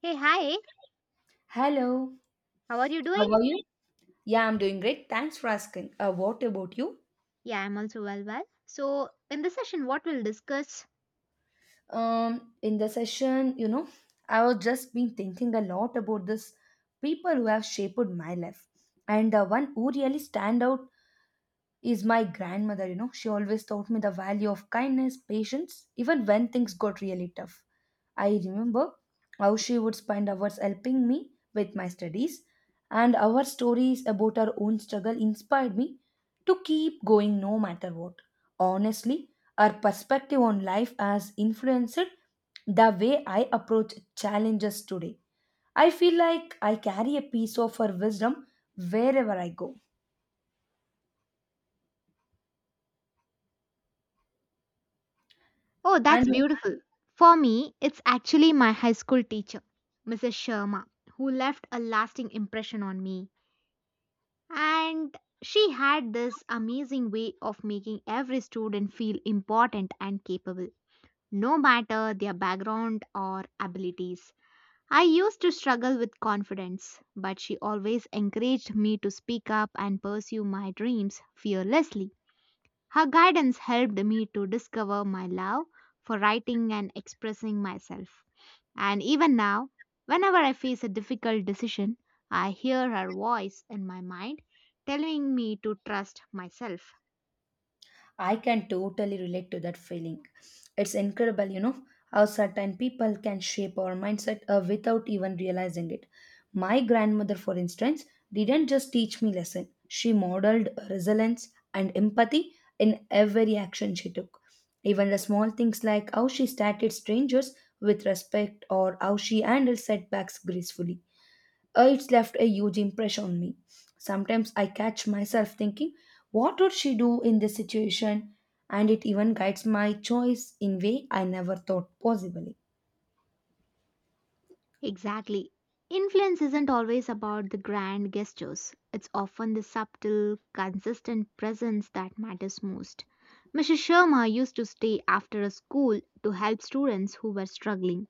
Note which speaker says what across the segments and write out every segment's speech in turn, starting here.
Speaker 1: Hey, hi,
Speaker 2: Hello,
Speaker 1: how are you
Speaker 2: how
Speaker 1: doing?
Speaker 2: are you? Yeah, I'm doing great. Thanks for asking. What about you?
Speaker 1: Yeah, I'm also well. So, in this session, what we'll discuss?
Speaker 2: In the session, I was just been thinking a lot about this people who have shaped my life, and the one who really stand out is my grandmother. She always taught me the value of kindness, patience, even when things got really tough. I remember how she would spend hours helping me with my studies, and our stories about our own struggle inspired me to keep going no matter what. Honestly, her perspective on life has influenced the way I approach challenges today. I feel like I carry a piece of her wisdom wherever I go.
Speaker 1: Oh, that's
Speaker 2: And
Speaker 1: beautiful. For me, it's actually my high school teacher, Mrs. Sharma, who left a lasting impression on me. And she had this amazing way of making every student feel important and capable, no matter their background or abilities. I used to struggle with confidence, but she always encouraged me to speak up and pursue my dreams fearlessly. Her guidance helped me to discover my love for writing and expressing myself. And even now, whenever I face a difficult decision, I hear her voice in my mind telling me to trust myself.
Speaker 2: I can totally relate to that feeling. It's incredible, how certain people can shape our mindset without even realizing it. My grandmother, for instance, didn't just teach me lesson. She modeled resilience and empathy in every action she took. Even the small things like how she started strangers with respect or how she handled setbacks gracefully. It's left a huge impression on me. Sometimes I catch myself thinking, what would she do in this situation? And it even guides my choice in way I never thought possibly.
Speaker 1: Exactly. Influence isn't always about the grand gestures. It's often the subtle, consistent presence that matters most. Mrs. Sharma used to stay after a school to help students who were struggling,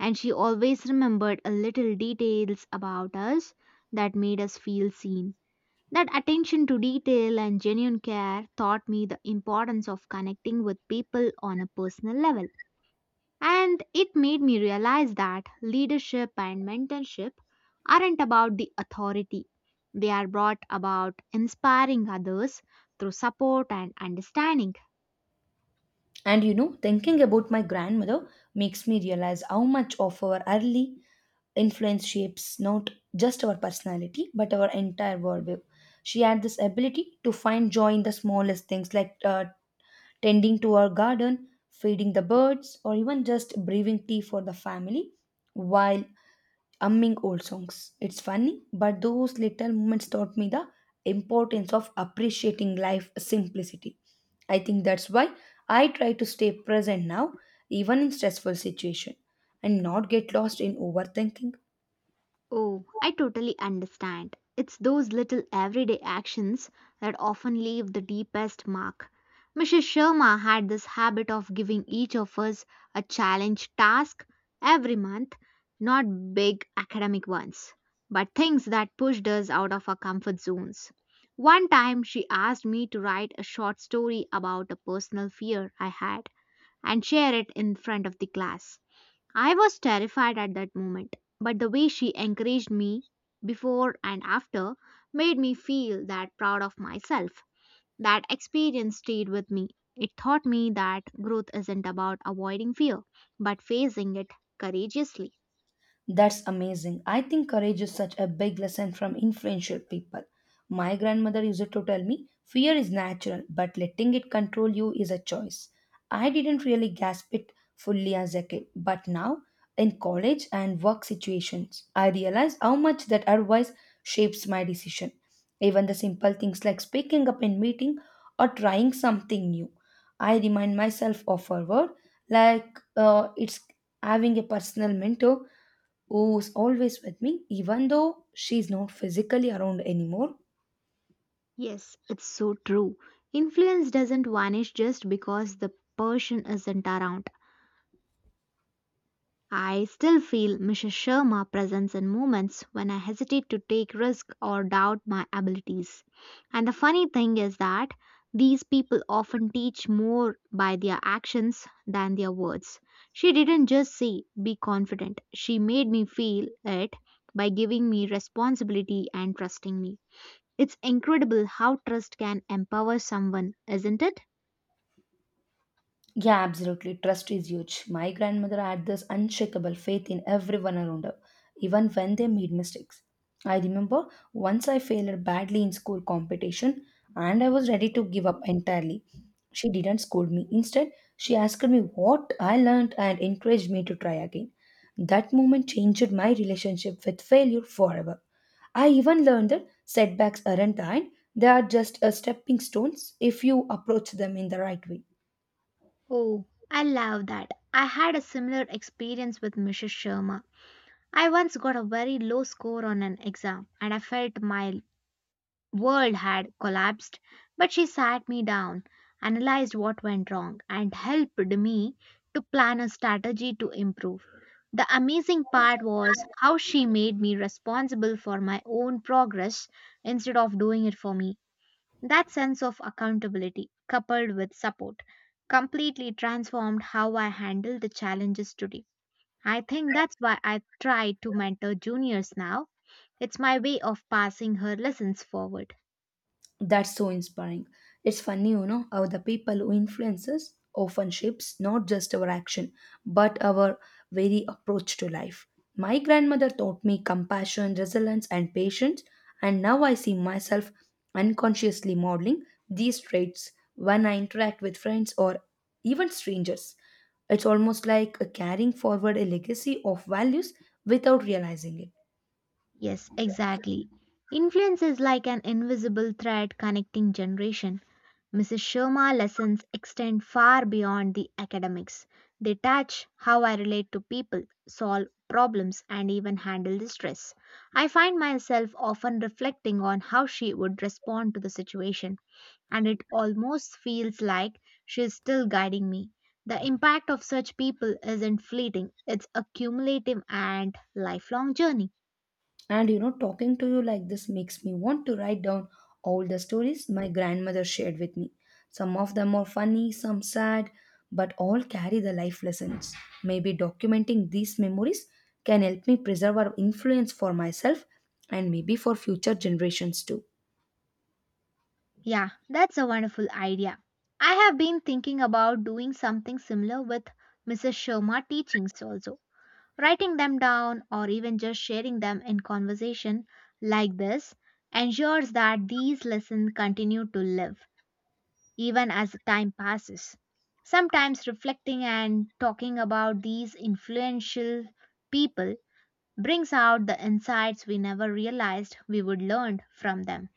Speaker 1: and she always remembered a little details about us that made us feel seen. That attention to detail and genuine care taught me the importance of connecting with people on a personal level. And it made me realize that leadership and mentorship aren't about the authority. They are brought about inspiring others through support and understanding.
Speaker 2: And thinking about my grandmother makes me realize how much of our early influence shapes not just our personality but our entire worldview. She had this ability to find joy in the smallest things like tending to our garden, feeding the birds, or even just brewing tea for the family while humming old songs. It's funny, but those little moments taught me the importance of appreciating life simplicity. I think that's why I try to stay present now, even in stressful situation, and not get lost in overthinking.
Speaker 1: Oh, I totally understand. It's those little everyday actions that often leave the deepest mark. Mrs. Sharma had this habit of giving each of us a challenge task every month, not big academic ones, but things that pushed us out of our comfort zones. One time she asked me to write a short story about a personal fear I had and share it in front of the class. I was terrified at that moment, but the way she encouraged me before and after made me feel that proud of myself. That experience stayed with me. It taught me that growth isn't about avoiding fear, but facing it courageously.
Speaker 2: That's amazing. I think courage is such a big lesson from influential people. My grandmother used to tell me, fear is natural, but letting it control you is a choice. I didn't really grasp it fully as a kid, but now in college and work situations, I realize how much that advice shapes my decision. Even the simple things like speaking up in meeting or trying something new. I remind myself of her word, like it's having a personal mentor who's always with me, even though she's not physically around anymore.
Speaker 1: Yes, it's so true. Influence doesn't vanish just because the person isn't around. I still feel Mrs. Sharma presents in moments when I hesitate to take risk or doubt my abilities. And the funny thing is that these people often teach more by their actions than their words. She didn't just say be confident. She made me feel it by giving me responsibility and trusting me. It's incredible how trust can empower someone, isn't it?
Speaker 2: Yeah, absolutely. Trust is huge. My grandmother had this unshakable faith in everyone around her, even when they made mistakes. I remember once I failed badly in school competition and I was ready to give up entirely. She didn't scold me. Instead, she asked me what I learned and encouraged me to try again. That moment changed my relationship with failure forever. I even learned that setbacks aren't the end, they are just a stepping stones if you approach them in the right way.
Speaker 1: Oh, I love that. I had a similar experience with Mrs. Sharma. I once got a very low score on an exam and I felt my world had collapsed. But she sat me down, analyzed what went wrong, and helped me to plan a strategy to improve. The amazing part was how she made me responsible for my own progress instead of doing it for me. That sense of accountability, coupled with support, completely transformed how I handle the challenges today. I think that's why I try to mentor juniors now. It's my way of passing her lessons forward.
Speaker 2: That's so inspiring. It's funny, how the people who influence us often shapes not just our action, but our very approach to life. My grandmother taught me compassion, resilience, and patience, and now I see myself unconsciously modeling these traits when I interact with friends or even strangers. It's almost like a carrying forward a legacy of values without realizing it.
Speaker 1: Yes, exactly. Influence is like an invisible thread connecting generation. Mrs. Sharma lessons extend far beyond the academics. They touch how I relate to people, solve problems, and even handle the stress. I find myself often reflecting on how she would respond to the situation and it almost feels like she's still guiding me. The impact of such people isn't fleeting, it's a cumulative and lifelong journey.
Speaker 2: And talking to you like this makes me want to write down all the stories my grandmother shared with me. Some of them are funny, some sad, but all carry the life lessons. Maybe documenting these memories can help me preserve our influence for myself and maybe for future generations too.
Speaker 1: Yeah, that's a wonderful idea. I have been thinking about doing something similar with Mrs. Sharma teachings also. Writing them down or even just sharing them in conversation like this ensures that these lessons continue to live, even as time passes. Sometimes reflecting and talking about these influential people brings out the insights we never realized we would learn from them.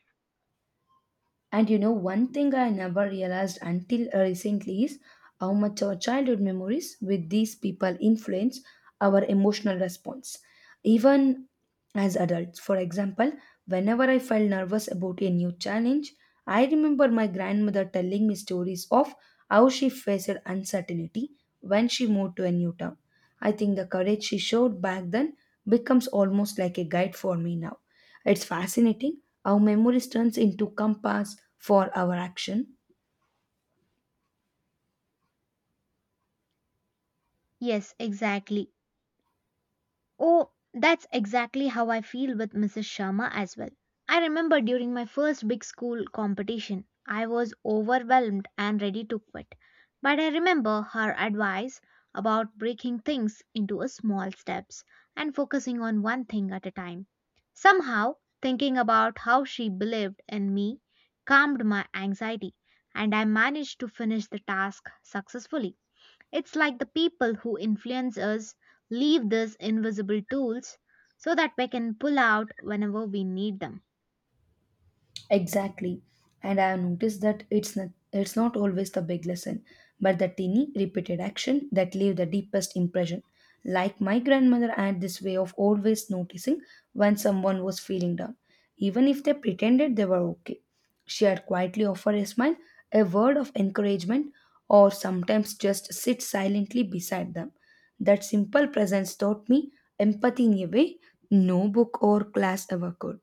Speaker 2: And one thing I never realized until recently is how much our childhood memories with these people influence our emotional response, even as adults. For example, whenever I felt nervous about a new challenge, I remember my grandmother telling me stories of how she faced uncertainty when she moved to a new town. I think the courage she showed back then becomes almost like a guide for me now. It's fascinating how memory turns into compass for our action.
Speaker 1: Yes, exactly. Oh, that's exactly how I feel with Mrs. Sharma as well. I remember during my first big school competition, I was overwhelmed and ready to quit. But I remember her advice about breaking things into a small steps and focusing on one thing at a time. Somehow, thinking about how she believed in me calmed my anxiety, and I managed to finish the task successfully. It's like the people who influence us leave these invisible tools so that we can pull out whenever we need them.
Speaker 2: Exactly. And I have noticed that it's not always the big lesson, but the tiny repeated action that leave the deepest impression. Like my grandmother had this way of always noticing when someone was feeling down, even if they pretended they were okay. She had quietly offer a smile, a word of encouragement, or sometimes just sit silently beside them. That simple presence taught me empathy in a way no book or class ever could.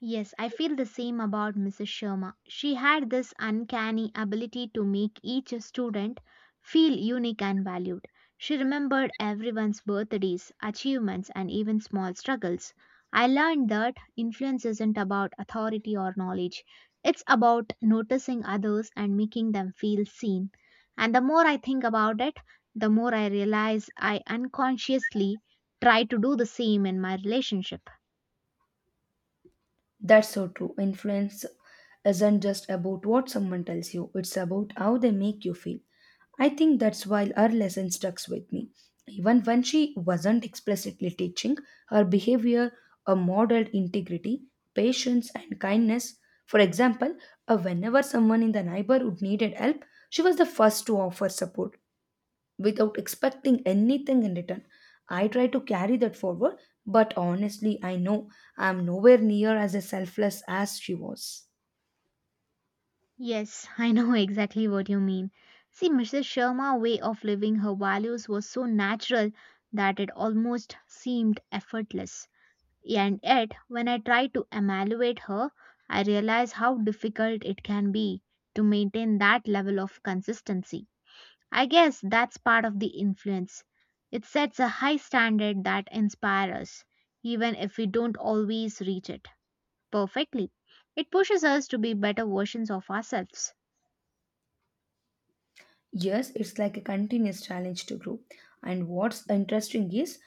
Speaker 1: Yes, I feel the same about Mrs. Sharma. She had this uncanny ability to make each student feel unique and valued. She remembered everyone's birthdays, achievements, and even small struggles. I learned that influence isn't about authority or knowledge, it's about noticing others and making them feel seen. And the more I think about it, the more I realize I unconsciously try to do the same in my relationship.
Speaker 2: That's so true. Influence isn't just about what someone tells you, it's about how they make you feel. I think that's why her lesson stuck with me. Even when she wasn't explicitly teaching, her behavior modeled integrity, patience, and kindness. For example, whenever someone in the neighborhood needed help, she was the first to offer support without expecting anything in return. I try to carry that forward, but honestly, I know I'm nowhere near as selfless as she was.
Speaker 1: Yes, I know exactly what you mean. See, Mrs. Sharma's way of living her values was so natural that it almost seemed effortless. And yet, when I try to evaluate her, I realize how difficult it can be to maintain that level of consistency. I guess that's part of the influence. It sets a high standard that inspires us, even if we don't always reach it perfectly. It pushes us to be better versions of ourselves.
Speaker 2: Yes, it's like a continuous challenge to grow. And what's interesting is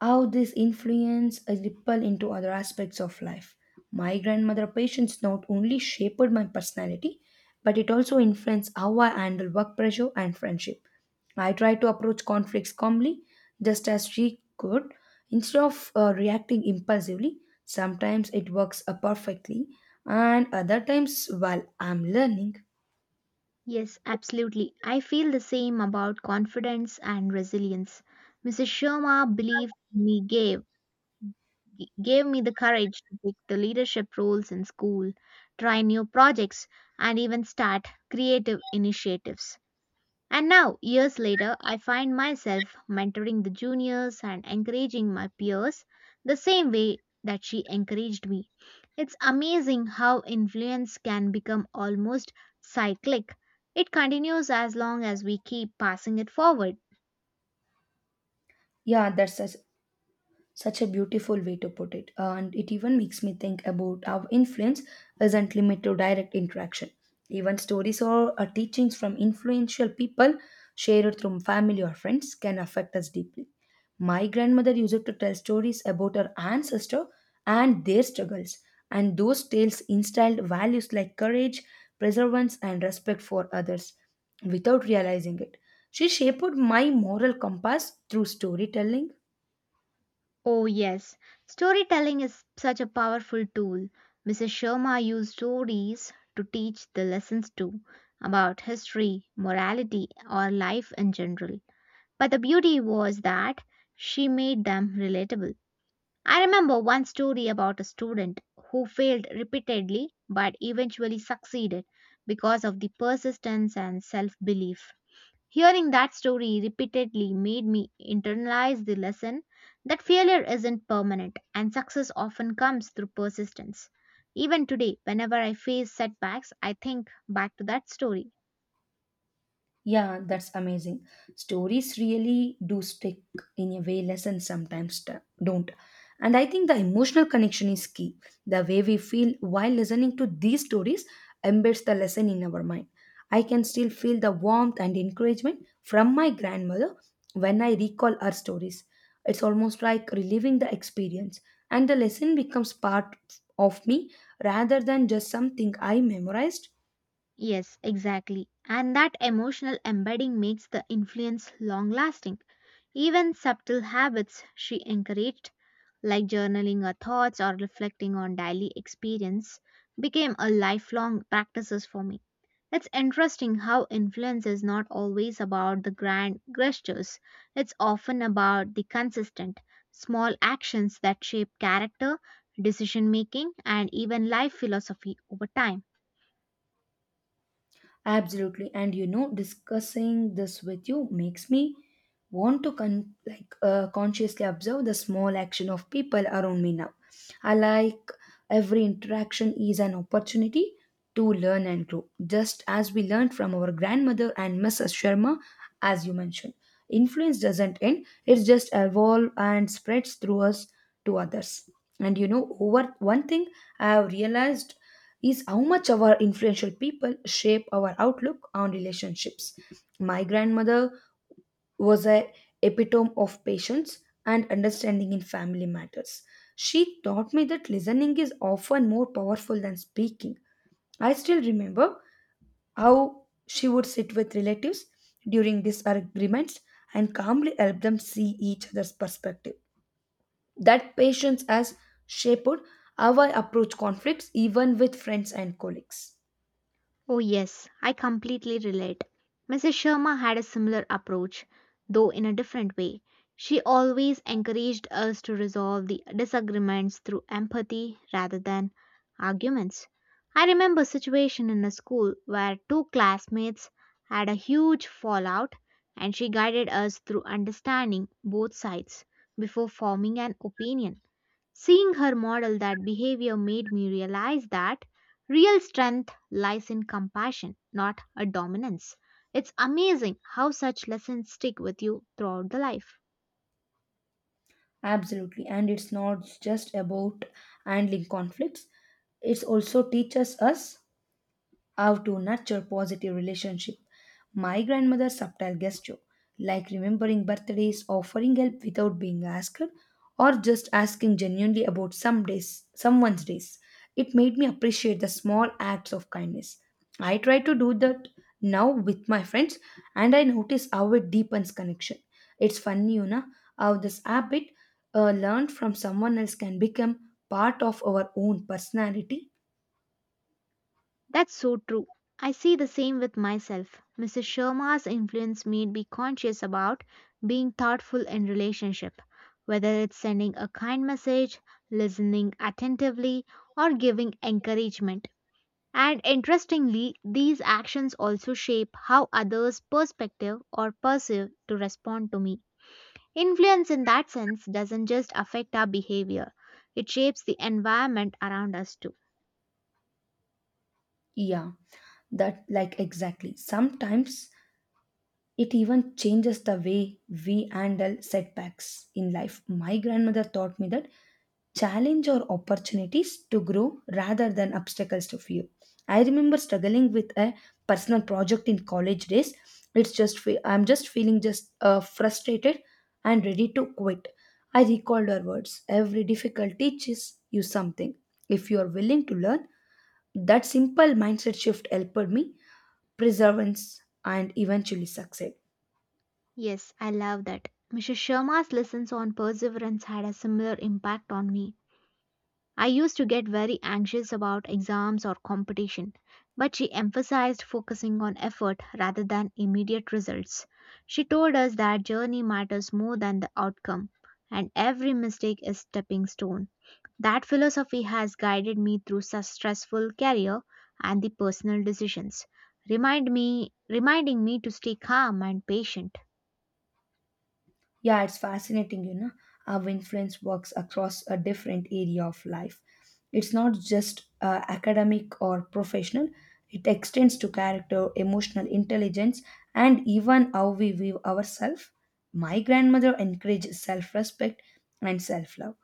Speaker 2: how this influence a ripple into other aspects of life. My grandmother' patience not only shaped my personality, but it also influenced how I handle work pressure and friendship. I try to approach conflicts calmly, just as she could, instead of reacting impulsively. Sometimes it works perfectly, and other times, while I'm learning,
Speaker 1: Yes, absolutely. I feel the same about confidence and resilience. Mrs. Sharma believed me gave me the courage to take the leadership roles in school, try new projects, and even start creative initiatives. And now, years later, I find myself mentoring the juniors and encouraging my peers the same way that she encouraged me. It's amazing how influence can become almost cyclic. It continues as long as we keep passing it forward.
Speaker 2: yeah, that's such a beautiful way to put it, and it even makes me think about how influence isn't limited to direct interaction. Even stories or teachings from influential people shared through family or friends can affect us deeply. My grandmother used to tell stories about her ancestor and their struggles, and those tales instilled values like courage, perseverance, and respect for others without realizing it. She shaped my moral compass through storytelling.
Speaker 1: Oh, yes, storytelling is such a powerful tool. Mrs. Sharma used stories to teach the lessons too, about history, morality, or life in general. But the beauty was that she made them relatable. I remember one story about a student who failed repeatedly but eventually succeeded because of the persistence and self belief. Hearing that story repeatedly made me internalize the lesson that failure isn't permanent and success often comes through persistence. Even today, whenever I face setbacks, I think back to that story.
Speaker 2: Yeah, that's amazing. Stories really do stick in a way lessons sometimes don't. And I think the emotional connection is key. The way we feel while listening to these stories embeds the lesson in our mind. I can still feel the warmth and encouragement from my grandmother when I recall her stories. It's almost like reliving the experience, and the lesson becomes part of me rather than just something I memorized.
Speaker 1: Yes, exactly. And that emotional embedding makes the influence long lasting. Even subtle habits she encouraged, like journaling her thoughts or reflecting on daily experience, became a lifelong practices for me. It's interesting how influence is not always about the grand gestures. It's often about the consistent, small actions that shape character, decision making, and even life philosophy over time.
Speaker 2: Absolutely. And discussing this with you makes me want to like consciously observe the small action of people around me now. I like every interaction is an opportunity to learn and grow, just as we learned from our grandmother and Mrs. Sharma, as you mentioned. Influence doesn't end; it just evolve and spreads through us to others. And over one thing I have realized is how much our influential people shape our outlook on relationships. My grandmother was a epitome of patience and understanding in family matters. She taught me that listening is often more powerful than speaking. I still remember how she would sit with relatives during disagreements and calmly help them see each other's perspective. That patience has shaped how I approach conflicts even with friends and colleagues.
Speaker 1: Oh, yes, I completely relate. Mrs. Sharma had a similar approach, though in a different way. She always encouraged us to resolve the disagreements through empathy rather than arguments. I remember a situation in a school where two classmates had a huge fallout, and she guided us through understanding both sides before forming an opinion. Seeing her model that behavior made me realize that real strength lies in compassion, not a dominance. It's amazing how such lessons stick with you throughout the life.
Speaker 2: Absolutely. And it's not just about handling conflicts, it also teaches us how to nurture positive relationship. My grandmother's subtle gesture like remembering birthdays, offering help without being asked, or just asking genuinely about someone's days, it made me appreciate the small acts of kindness. I try to do that now with my friends, and I notice how it deepens connection. It's funny, how this habit learned from someone else can become part of our own personality.
Speaker 1: That's so true. I see the same with myself. Mrs. Sharma's influence made me conscious about being thoughtful in relationship, whether it's sending a kind message, listening attentively, or giving encouragement. And interestingly, these actions also shape how others' perspective or perceive to respond to me. Influence in that sense doesn't just affect our behavior, it shapes the environment around us too.
Speaker 2: Yeah, that, like, exactly. Sometimes it even changes the way we handle setbacks in life. My grandmother taught me that challenge or opportunities to grow rather than obstacles to fear. I remember struggling with a personal project in college days. I'm just feeling just frustrated and ready to quit. I recalled her words. Every difficulty teaches you something. If you are willing to learn, that simple mindset shift helped me perseverance, and eventually succeed.
Speaker 1: Yes, I love that. Mrs. Sharma's lessons on perseverance had a similar impact on me. I used to get very anxious about exams or competition, but she emphasized focusing on effort rather than immediate results. She told us that journey matters more than the outcome, and every mistake is stepping stone. That philosophy has guided me through such stressful career and the personal decisions, reminding me to stay calm and patient.
Speaker 2: Yeah, it's fascinating, how influence works across a different area of life. It's not just academic or professional, it extends to character, emotional intelligence, and even how we view ourselves. My grandmother encouraged self respect and self love.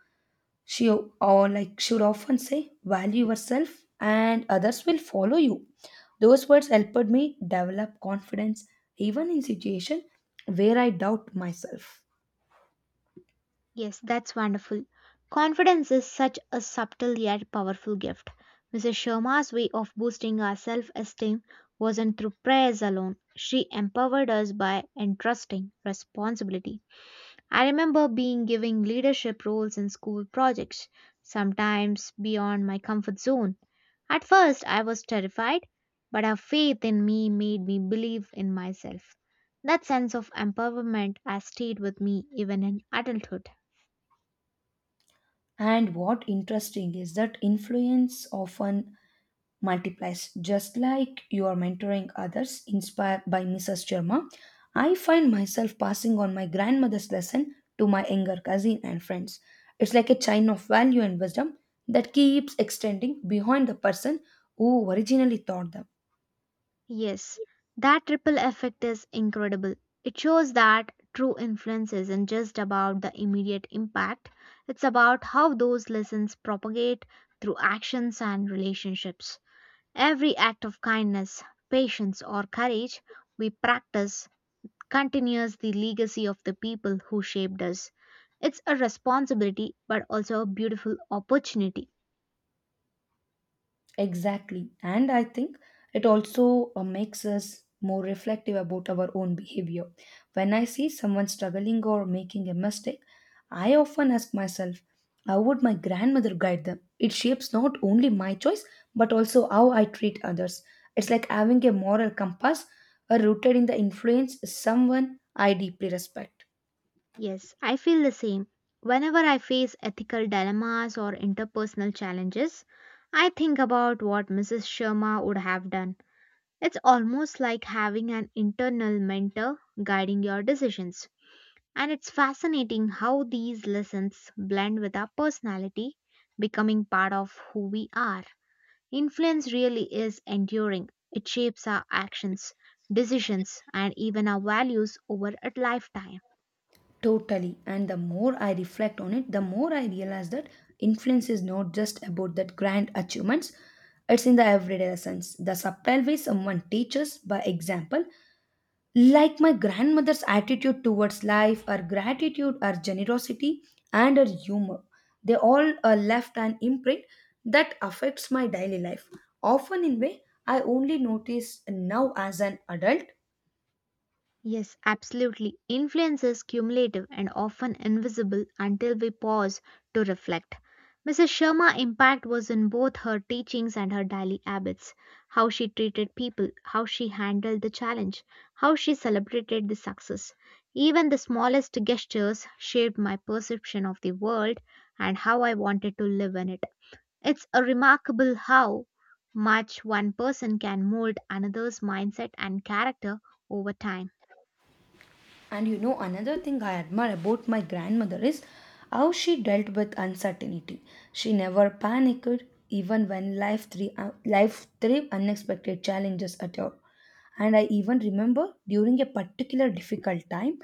Speaker 2: She or like she would often say, value yourself and others will follow you. Those words helped me develop confidence even in situation where I doubt myself.
Speaker 1: Yes, that's wonderful. Confidence is such a subtle yet powerful gift. Mrs. Sharma's way of boosting our self esteem wasn't through prayers alone. She empowered us by entrusting responsibility. I remember being giving leadership roles in school projects, sometimes beyond my comfort zone. At first, I was terrified, but her faith in me made me believe in myself. That sense of empowerment has stayed with me even in adulthood.
Speaker 2: And what interesting is that influence often multiplies. Just like you are mentoring others inspired by Mrs. Sharma, I find myself passing on my grandmother's lesson to my younger cousin and friends. It's like a chain of value and wisdom that keeps extending beyond the person who originally taught them.
Speaker 1: Yes, that ripple effect is incredible. It shows that true influence isn't just about the immediate impact, it's about how those lessons propagate through actions and relationships. Every act of kindness, patience, or courage we practice continues the legacy of the people who shaped us. It's a responsibility, but also a beautiful opportunity.
Speaker 2: Exactly. And I think it also makes us more reflective about our own behavior. When I see someone struggling or making a mistake, I often ask myself, how would my grandmother guide them? It shapes not only my choice, but also how I treat others. It's like having a moral compass rooted in the influence someone I deeply respect.
Speaker 1: Yes, I feel the same. Whenever I face ethical dilemmas or interpersonal challenges, I think about what Mrs. Sharma would have done. It's almost like having an internal mentor guiding your decisions. And it's fascinating how these lessons blend with our personality, becoming part of who we are. Influence really is enduring, it shapes our actions, decisions, and even our values over a lifetime.
Speaker 2: Totally. And the more I reflect on it, the more I realize that influence is not just about that grand achievements, it's in the everyday lessons, the subtle way someone teaches by example, like my grandmother's attitude towards life, her gratitude, her generosity, and her humor. They all are left an imprint that affects my daily life, often in way I only notice now as an adult.
Speaker 1: Yes, absolutely. Influence is cumulative and often invisible until we pause to reflect. Mrs. Sharma's impact was in both her teachings and her daily habits, how she treated people, how she handled the challenge, how she celebrated the success. Even the smallest gestures shaped my perception of the world and how I wanted to live in it. It's a remarkable how much one person can mold another's mindset and character over time.
Speaker 2: And another thing I admire about my grandmother is how she dealt with uncertainty. She never panicked, even when life threw unexpected challenges at her. And I even remember during a particular difficult time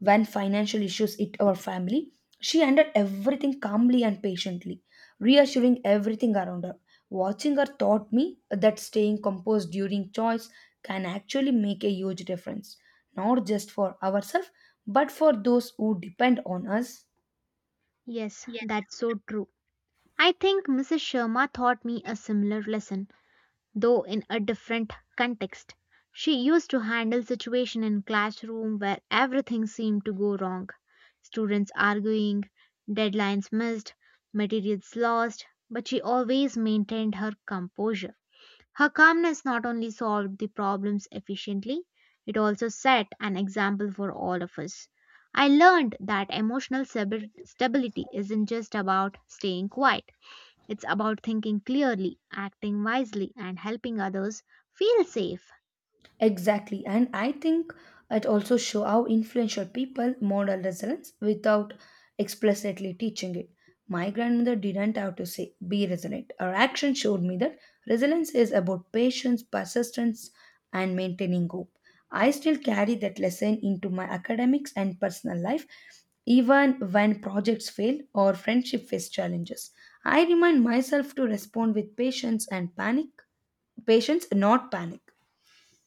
Speaker 2: when financial issues hit our family, she handled everything calmly and patiently, reassuring everything around her. Watching her taught me that staying composed during choice can actually make a huge difference, not just for ourselves, but for those who depend on us.
Speaker 1: Yes, that's so true. I think Mrs. Sharma taught me a similar lesson, though in a different context. She used to handle situation in classroom where everything seemed to go wrong. Students arguing, deadlines missed, materials lost, but she always maintained her composure. Her calmness not only solved the problems efficiently, it also set an example for all of us. I learned that stability isn't just about staying quiet, it's about thinking clearly, acting wisely, and helping others feel safe.
Speaker 2: Exactly, and I think it also show how influential people model resilience without explicitly teaching it. My grandmother didn't have to say be resilient. Her action showed me that resilience is about patience, persistence, and maintaining hope. I still carry that lesson into my academics and personal life, even when projects fail or friendship face challenges. I remind myself to respond with patience, not panic.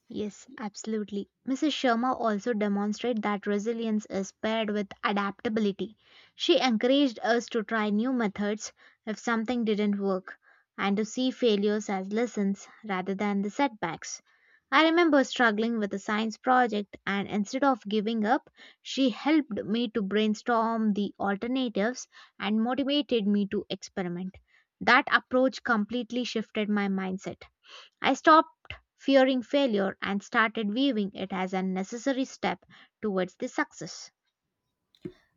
Speaker 1: Yes, absolutely. Mrs. Sharma also demonstrated that resilience is paired with adaptability. She encouraged us to try new methods if something didn't work and to see failures as lessons rather than the setbacks. I remember struggling with a science project, and instead of giving up, she helped me to brainstorm the alternatives and motivated me to experiment. That approach completely shifted my mindset. I stopped fearing failure and started viewing it as a necessary step towards the success.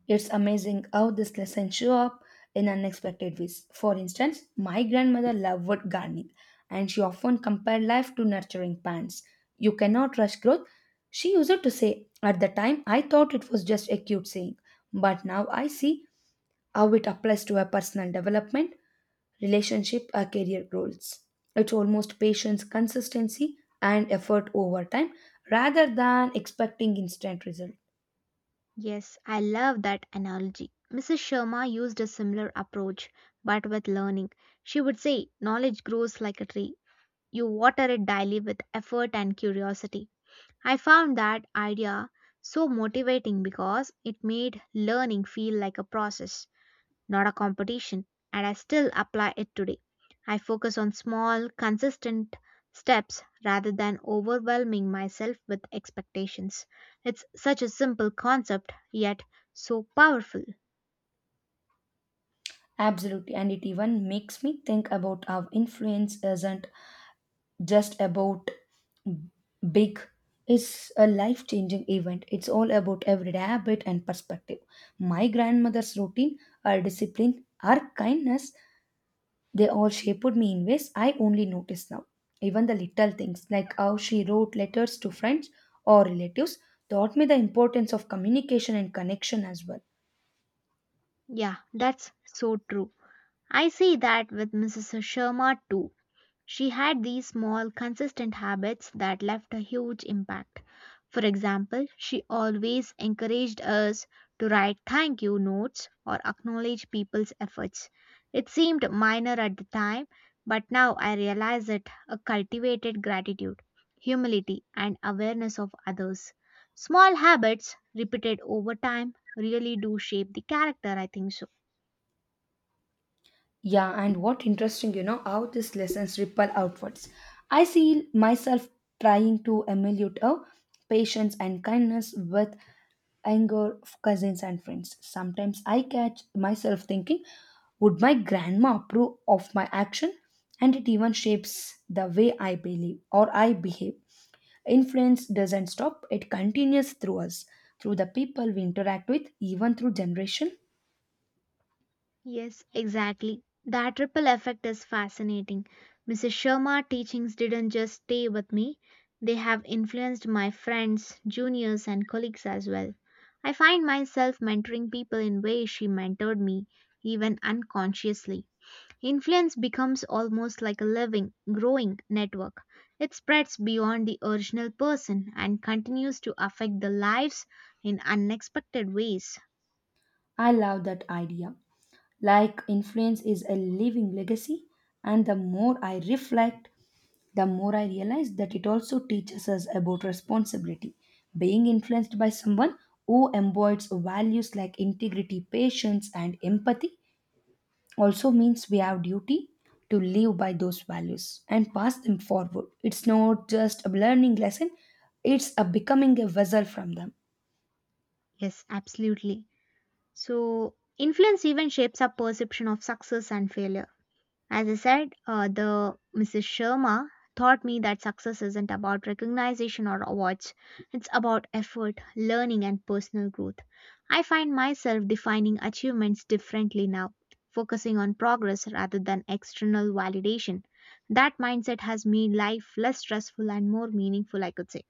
Speaker 2: It's amazing how this lesson show up in unexpected ways. For instance, my grandmother loved gardening and she often compared life to nurturing plants. You cannot rush growth, she used to say. At the time, I thought it was just a cute saying, but now I see how it applies to her personal development, relationship, or career goals. It's almost patience, consistency, and effort over time rather than expecting instant results.
Speaker 1: Yes, I love that analogy. Mrs. Sharma used a similar approach, but with learning. She would say, "Knowledge grows like a tree. You water it daily with effort and curiosity." I found that idea so motivating because it made learning feel like a process, not a competition, and I still apply it today. I focus on small, consistent steps rather than overwhelming myself with expectations. It's such a simple concept, yet so powerful.
Speaker 2: Absolutely, and it even makes me think about how influence isn't just about big, it's a life changing event. It's all about everyday habit and perspective. My grandmother's routine, her discipline, her kindness, they all shaped me in ways I only notice now. Even the little things, like how she wrote letters to friends or relatives, taught me the importance of communication and connection as well.
Speaker 1: Yeah, that's so true. I see that with Mrs. Sharma too. She had these small, consistent habits that left a huge impact. For example, she always encouraged us to write thank you notes or acknowledge people's efforts. It seemed minor at the time, but now I realize it a cultivated gratitude, humility, and awareness of others. Small habits repeated over time really do shape the character, I think so.
Speaker 2: Yeah, and what interesting, how these lessons ripple outwards. I see myself trying to emulate a patience and kindness with anger, cousins, and friends. Sometimes I catch myself thinking, would my grandma approve of my action? And it even shapes the way I believe or I behave. Influence doesn't stop, it continues through us, through the people we interact with, even through generation.
Speaker 1: Yes, exactly. That ripple effect is fascinating. Mrs. Sharma's teachings didn't just stay with me, they have influenced my friends, juniors, and colleagues as well. I find myself mentoring people in ways she mentored me, even unconsciously. Influence becomes almost like a living, growing network. It spreads beyond the original person and continues to affect the lives in unexpected ways.
Speaker 2: I love that idea, like influence is a living legacy. And the more I reflect, the more I realize that it also teaches us about responsibility. Being influenced by someone who embodies values like integrity, patience, and empathy also means we have duty to live by those values and pass them forward. It's not just a learning lesson, it's a becoming a vessel from them.
Speaker 1: Yes, absolutely. So, influence even shapes our perception of success and failure. As I said, the Mrs. Sharma taught me that success isn't about recognition or awards, it's about effort, learning, and personal growth. I find myself defining achievements differently now, focusing on progress rather than external validation. That mindset has made life less stressful and more meaningful, I could say.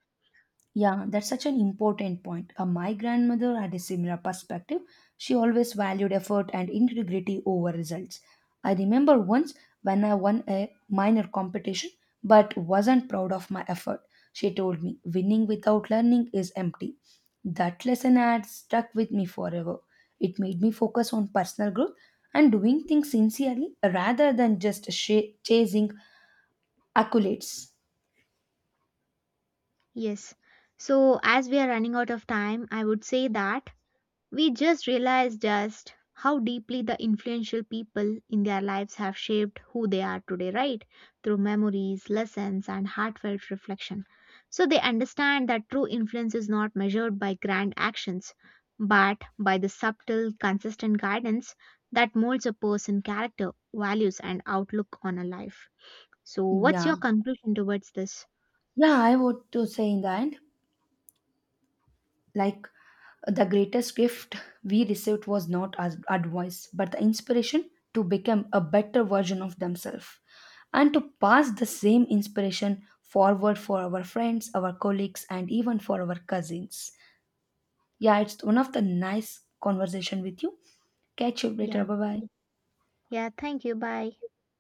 Speaker 2: Yeah, that's such an important point. My grandmother had a similar perspective. She always valued effort and integrity over results. I remember once when I won a minor competition but wasn't proud of my effort. She told me, winning without learning is empty. That lesson had stuck with me forever. It made me focus on personal growth and doing things sincerely rather than just chasing accolades.
Speaker 1: Yes. So, as we are running out of time, I would say that we just realize just how deeply the influential people in their lives have shaped who they are today, right? Through memories, lessons, and heartfelt reflection. So they understand that true influence is not measured by grand actions, but by the subtle, consistent guidance that molds a person's character, values, and outlook on a life. So, what's
Speaker 2: Yeah.
Speaker 1: your conclusion towards this?
Speaker 2: Yeah, I want to say in the end, like the greatest gift we received was not as advice, but the inspiration to become a better version of themselves and to pass the same inspiration forward for our friends, our colleagues, and even for our cousins. Yeah, it's one of the nice conversation with you. Catch you later.
Speaker 1: Yeah.
Speaker 2: Bye bye.
Speaker 1: Yeah, thank you. Bye.